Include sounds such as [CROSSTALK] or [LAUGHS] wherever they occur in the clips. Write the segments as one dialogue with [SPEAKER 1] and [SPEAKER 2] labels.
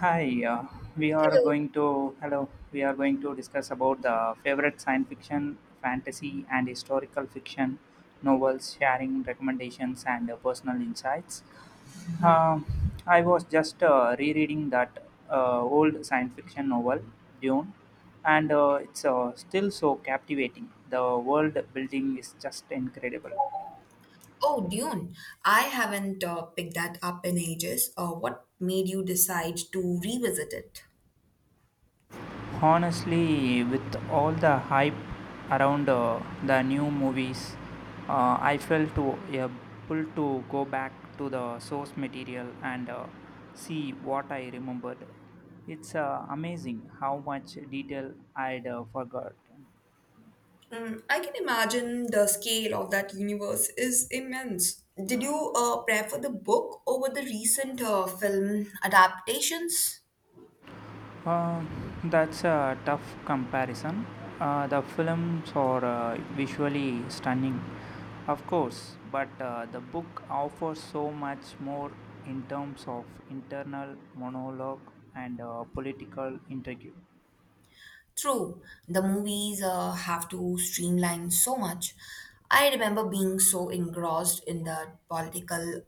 [SPEAKER 1] Hi, we are
[SPEAKER 2] Hello.
[SPEAKER 1] going to hello. We are going to discuss about the favorite science fiction, fantasy, and historical fiction novels, sharing recommendations and personal insights.
[SPEAKER 2] Hmm.
[SPEAKER 1] Um I was just rereading that old science fiction novel, Dune, and it's still so captivating. The world building is just incredible.
[SPEAKER 2] Oh, Dune. I haven't picked that up in ages. What made you decide to revisit it?
[SPEAKER 1] Honestly, with all the hype around the new movies, yeah, pulled to go back to the source material and see what I remembered. It's amazing how much detail I'd forgot.
[SPEAKER 2] Mm, I can imagine the scale of that universe is immense. Did you prefer the book over the recent film adaptations?
[SPEAKER 1] Uh, that's a tough comparison. The films are visually stunning, of course, but the book offers so much more in terms of internal monologue and political intrigue,
[SPEAKER 2] True, the movies have to streamline so much. I remember being so engrossed in the political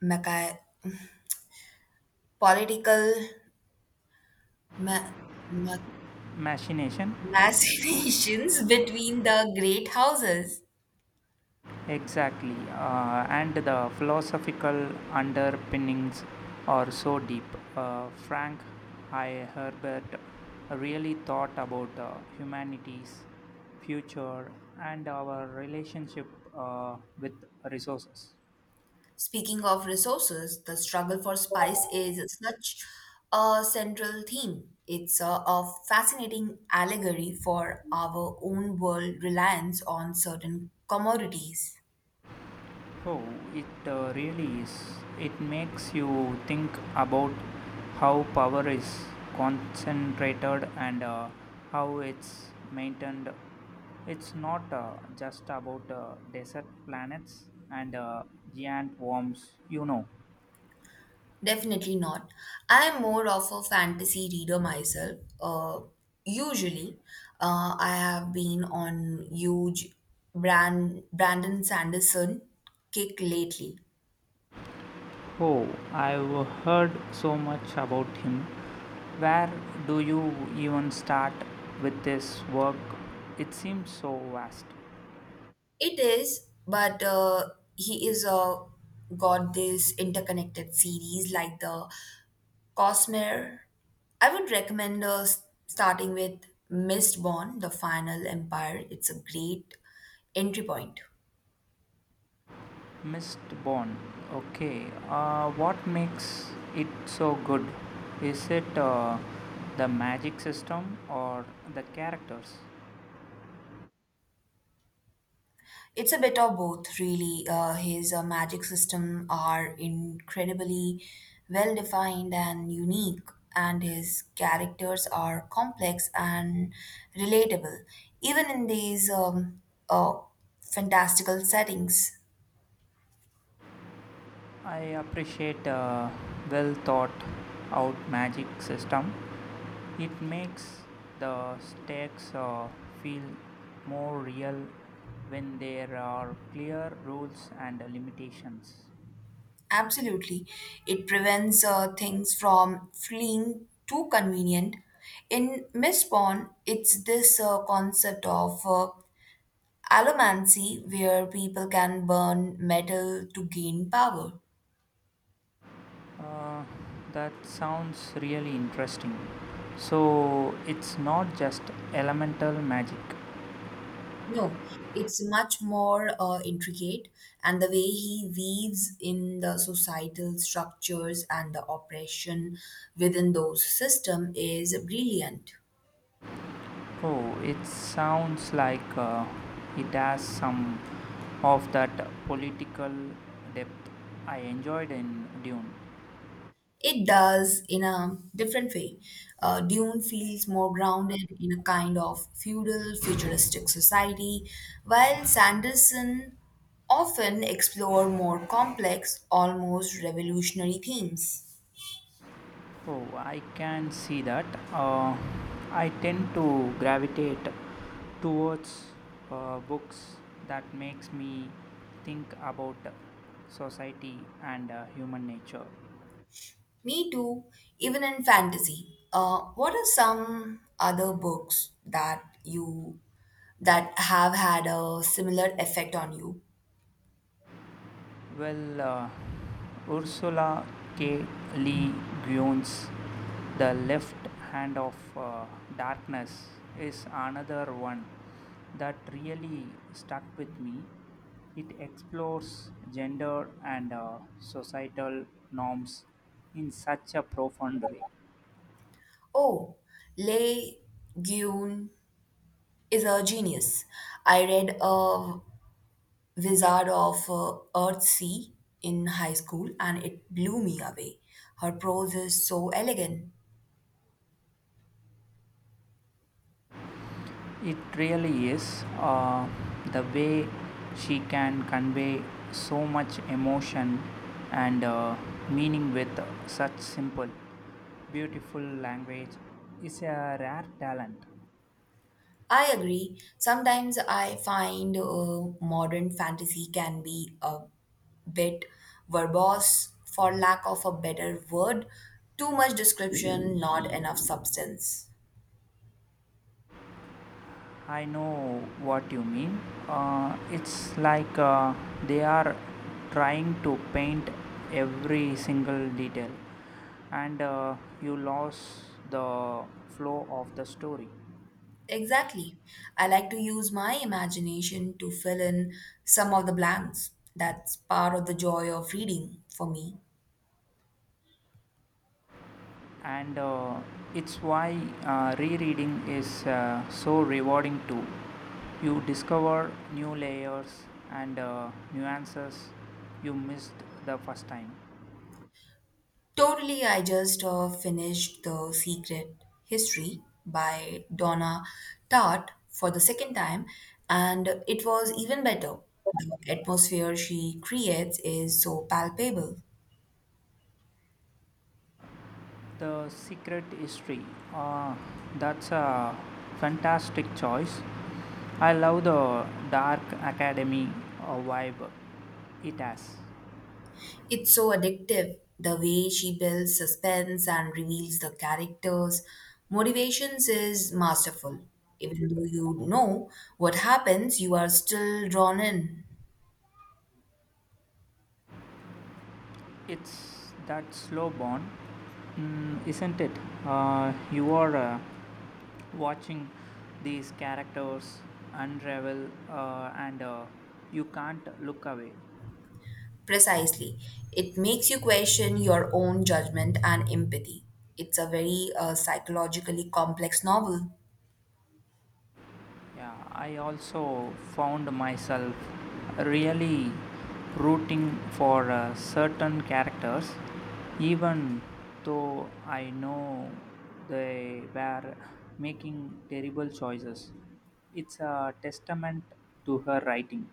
[SPEAKER 2] mecha- political ma- ma-
[SPEAKER 1] machination.
[SPEAKER 2] Machinations [LAUGHS] between the great houses.
[SPEAKER 1] Exactly, and the philosophical underpinnings are so deep. Frank I. Herbert really thought about humanity's future and our relationship with resources.
[SPEAKER 2] Speaking of resources, the struggle for spice is such a central theme. It's a fascinating allegory for our own world reliance on certain commodities.
[SPEAKER 1] Oh, it really is. It makes you think about how power is concentrated and how it's maintained. It's not just about desert planets and giant worms.
[SPEAKER 2] Definitely not. I am more of a fantasy reader myself. Usually, I have been on huge Brandon Sanderson kick lately.
[SPEAKER 1] Oh, I've heard so much about him. Where do you even start with this work? It seems so vast.
[SPEAKER 2] It is, but he is got this interconnected series like the Cosmere. I would recommend starting with Mistborn, The Final Empire. It's a great entry point.
[SPEAKER 1] Mist Bond. Okay. What makes it so good? Is it the magic system or the characters?
[SPEAKER 2] It's a bit of both, really. His magic system are incredibly well defined and unique, and his characters are complex and relatable, even in these uh, fantastical settings.
[SPEAKER 1] I appreciate a well thought out magic system. It makes the stakes feel more real when there are clear rules and limitations.
[SPEAKER 2] Absolutely, it prevents things from feeling too convenient. In Miss Pawn, it's this concept of Allomancy, where people can burn metal to gain power.
[SPEAKER 1] Uh, that sounds really interesting. So it's not just elemental magic.
[SPEAKER 2] No, it's much more intricate, and the way he weaves in the societal structures and the oppression within those systems is brilliant.
[SPEAKER 1] Oh, it sounds like it has some of that political depth I enjoyed in Dune.
[SPEAKER 2] It does in a different way. Dune feels more grounded in a kind of feudal, futuristic society, while Sanderson often explore more complex, almost revolutionary themes.
[SPEAKER 1] Oh, I can see that. Uh, I tend to gravitate towards books that makes me think about society and human nature.
[SPEAKER 2] Me too, even in fantasy. What are some other books that you that have had a similar effect on you?
[SPEAKER 1] Well, Ursula K. Le Guin's The Left Hand of Darkness is another one that really stuck with me. It explores gender and societal norms in such a profound way.
[SPEAKER 2] Oh, Le Guin is a genius. I read a Wizard of Earthsea in high school and it blew me away. Her prose is so elegant.
[SPEAKER 1] It really is, the way she can convey so much emotion and meaning with such simple beautiful language is a rare talent.
[SPEAKER 2] I agree. Sometimes I find modern fantasy can be a bit verbose for lack of a better word. Too much description, not enough substance.
[SPEAKER 1] I know what you mean. It's like they are trying to paint every single detail and you lost the flow of the story.
[SPEAKER 2] Exactly. I like to use my imagination to fill in some of the blanks. That's part of the joy of reading for me.
[SPEAKER 1] And it's why rereading is so rewarding too. You discover new layers and nuances you missed the first time.
[SPEAKER 2] Totally, I just finished The Secret History by Donna Tartt for the second time, and it was even better. The atmosphere she creates is so palpable.
[SPEAKER 1] The Secret History. Uh, that's a fantastic choice. I love the dark academy vibe it has.
[SPEAKER 2] It's so addictive the way she builds suspense and reveals the characters. Motivations is masterful. Even though you know what happens, you are still drawn in.
[SPEAKER 1] It's that slow burn, isn't it? You are watching these characters unravel, and you can't look away.
[SPEAKER 2] Precisely. It makes you question your own judgment and empathy. It's a very psychologically complex novel.
[SPEAKER 1] Yeah, I also found myself really rooting for certain characters even though I know they were making terrible choices. It's a testament to her writing.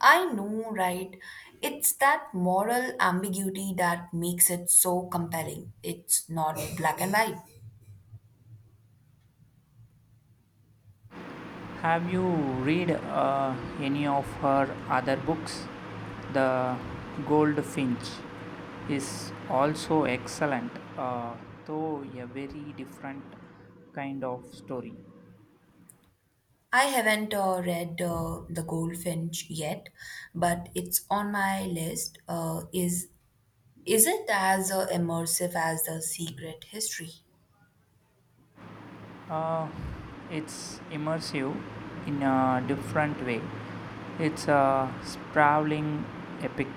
[SPEAKER 2] I know, right? It's that moral ambiguity that makes it so compelling. It's not black and white.
[SPEAKER 1] Have you read any of her other books? The Goldfinch is also excellent, though a very different kind of story.
[SPEAKER 2] I haven't read The Goldfinch yet, but it's on my list. Is it as immersive as The Secret History?
[SPEAKER 1] Uh, it's immersive in a different way. It's a sprawling epic,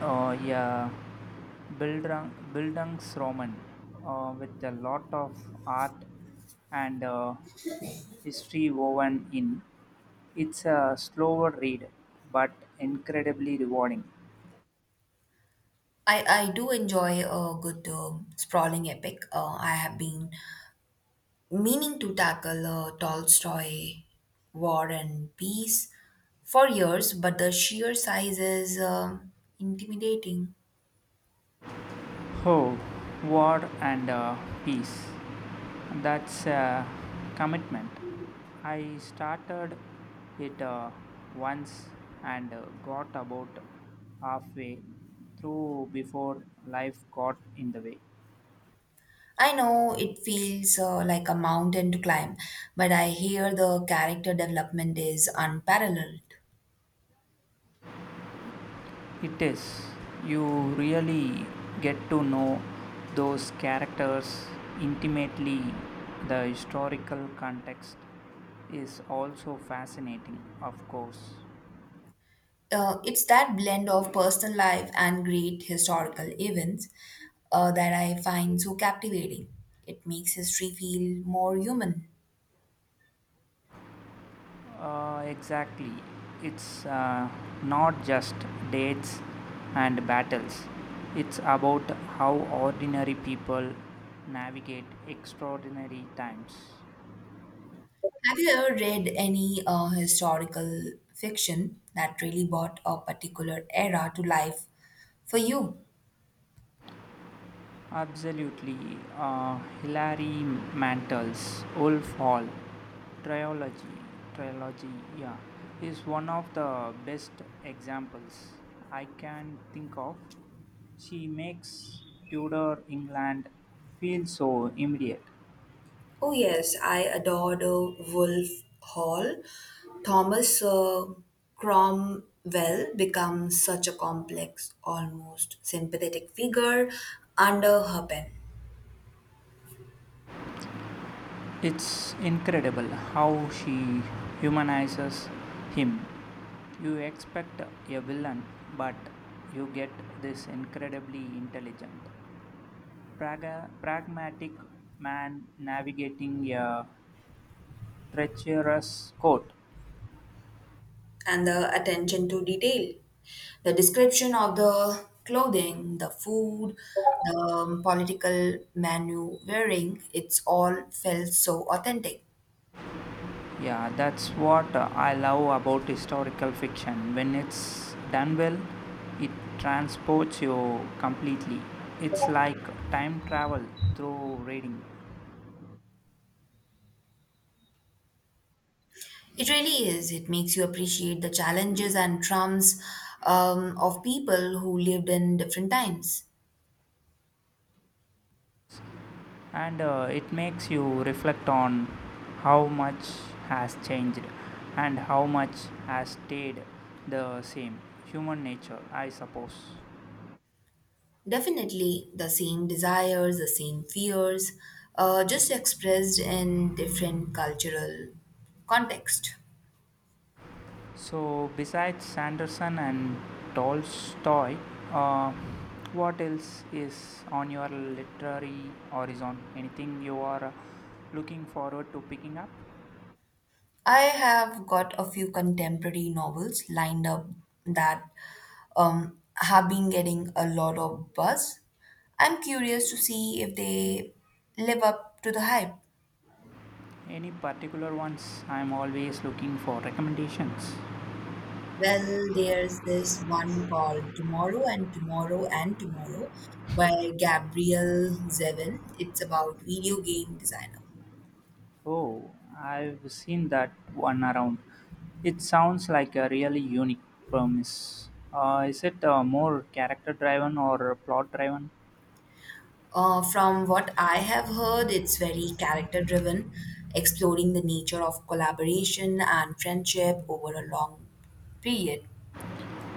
[SPEAKER 1] yeah, Bildungsroman with a lot of art and history woven in. It's a slower read but incredibly rewarding.
[SPEAKER 2] I do enjoy a good sprawling epic. I have been meaning to tackle Tolstoy War and Peace for years, but the sheer size is intimidating.
[SPEAKER 1] Oh, war and peace. That's a commitment. I started it once and got about halfway through before life got in the way.
[SPEAKER 2] I know it feels like a mountain to climb, but I hear the character development is unparalleled.
[SPEAKER 1] It is. You really get to know those characters intimately. The historical context is also fascinating, of course.
[SPEAKER 2] It's that blend of personal life and great historical events that I find so captivating. It makes history feel more human.
[SPEAKER 1] Exactly. It's not just dates and battles, it's about how ordinary people navigate extraordinary times.
[SPEAKER 2] Have you ever read any historical fiction that really brought a particular era to life for you?
[SPEAKER 1] Absolutely. Hilary Mantel's Wolf Hall trilogy, trilogy, yeah, is one of the best examples I can think of. She makes Tudor England feel so immediate.
[SPEAKER 2] Oh yes, I adored Wolf Hall. Thomas Cromwell becomes such a complex, almost sympathetic figure under her pen,
[SPEAKER 1] It's incredible how she humanizes him. You expect a villain, but you get this incredibly intelligent, pragmatic man navigating a treacherous court.
[SPEAKER 2] and the attention to detail, the description of the clothing, the food, the political menu wearing, it's all felt so authentic.
[SPEAKER 1] Yeah, that's what I love about historical fiction. When it's done well, it transports you completely. It's like time travel through reading.
[SPEAKER 2] It really is. It makes you appreciate the challenges and traumas of people who lived in different times.
[SPEAKER 1] And it makes you reflect on how much has changed and how much has stayed the same, human nature I suppose.
[SPEAKER 2] Definitely the same desires, the same fears, just expressed in different cultural context.
[SPEAKER 1] So besides Sanderson and Tolstoy, uh, what else is on your literary horizon? Anything you are looking forward to picking up?
[SPEAKER 2] I have got a few contemporary novels lined up that have been getting a lot of buzz. I'm curious to see if they live up to the hype.
[SPEAKER 1] Any particular ones? I'm always looking for recommendations.
[SPEAKER 2] Well, there's this one called Tomorrow and Tomorrow and Tomorrow by Gabriel Zevin. It's about video game designer.
[SPEAKER 1] Oh, I've seen that one around. It sounds like a really unique premise. Is it more character driven or plot driven?
[SPEAKER 2] From what I have heard, it's very character driven, exploring the nature of collaboration and friendship over a long period.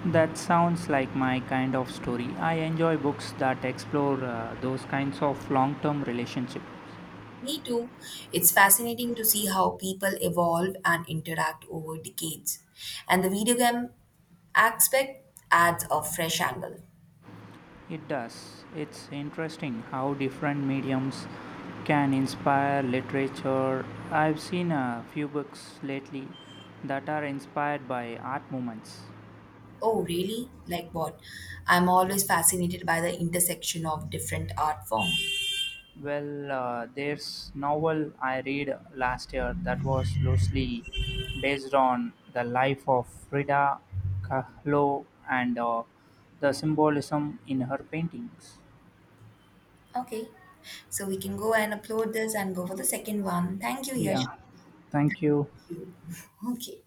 [SPEAKER 1] That sounds like my kind of story. I enjoy books that explore those kinds of long term relationships.
[SPEAKER 2] Me too. It's fascinating to see how people evolve and interact over decades. And the video game aspect adds a fresh angle.
[SPEAKER 1] It does. It's interesting how different mediums can inspire literature. I've seen a few books lately that are inspired by art movements.
[SPEAKER 2] Oh, really? Like what? I'm always fascinated by the intersection of different art forms.
[SPEAKER 1] Well, there's novel I read last year that was loosely based on the life of Frida Kahlo and the symbolism in her paintings.
[SPEAKER 2] Okay, so we can go and upload this and go for the second one. Thank you, Yash.
[SPEAKER 1] Yeah, thank you.
[SPEAKER 2] Thank you. [LAUGHS] Okay.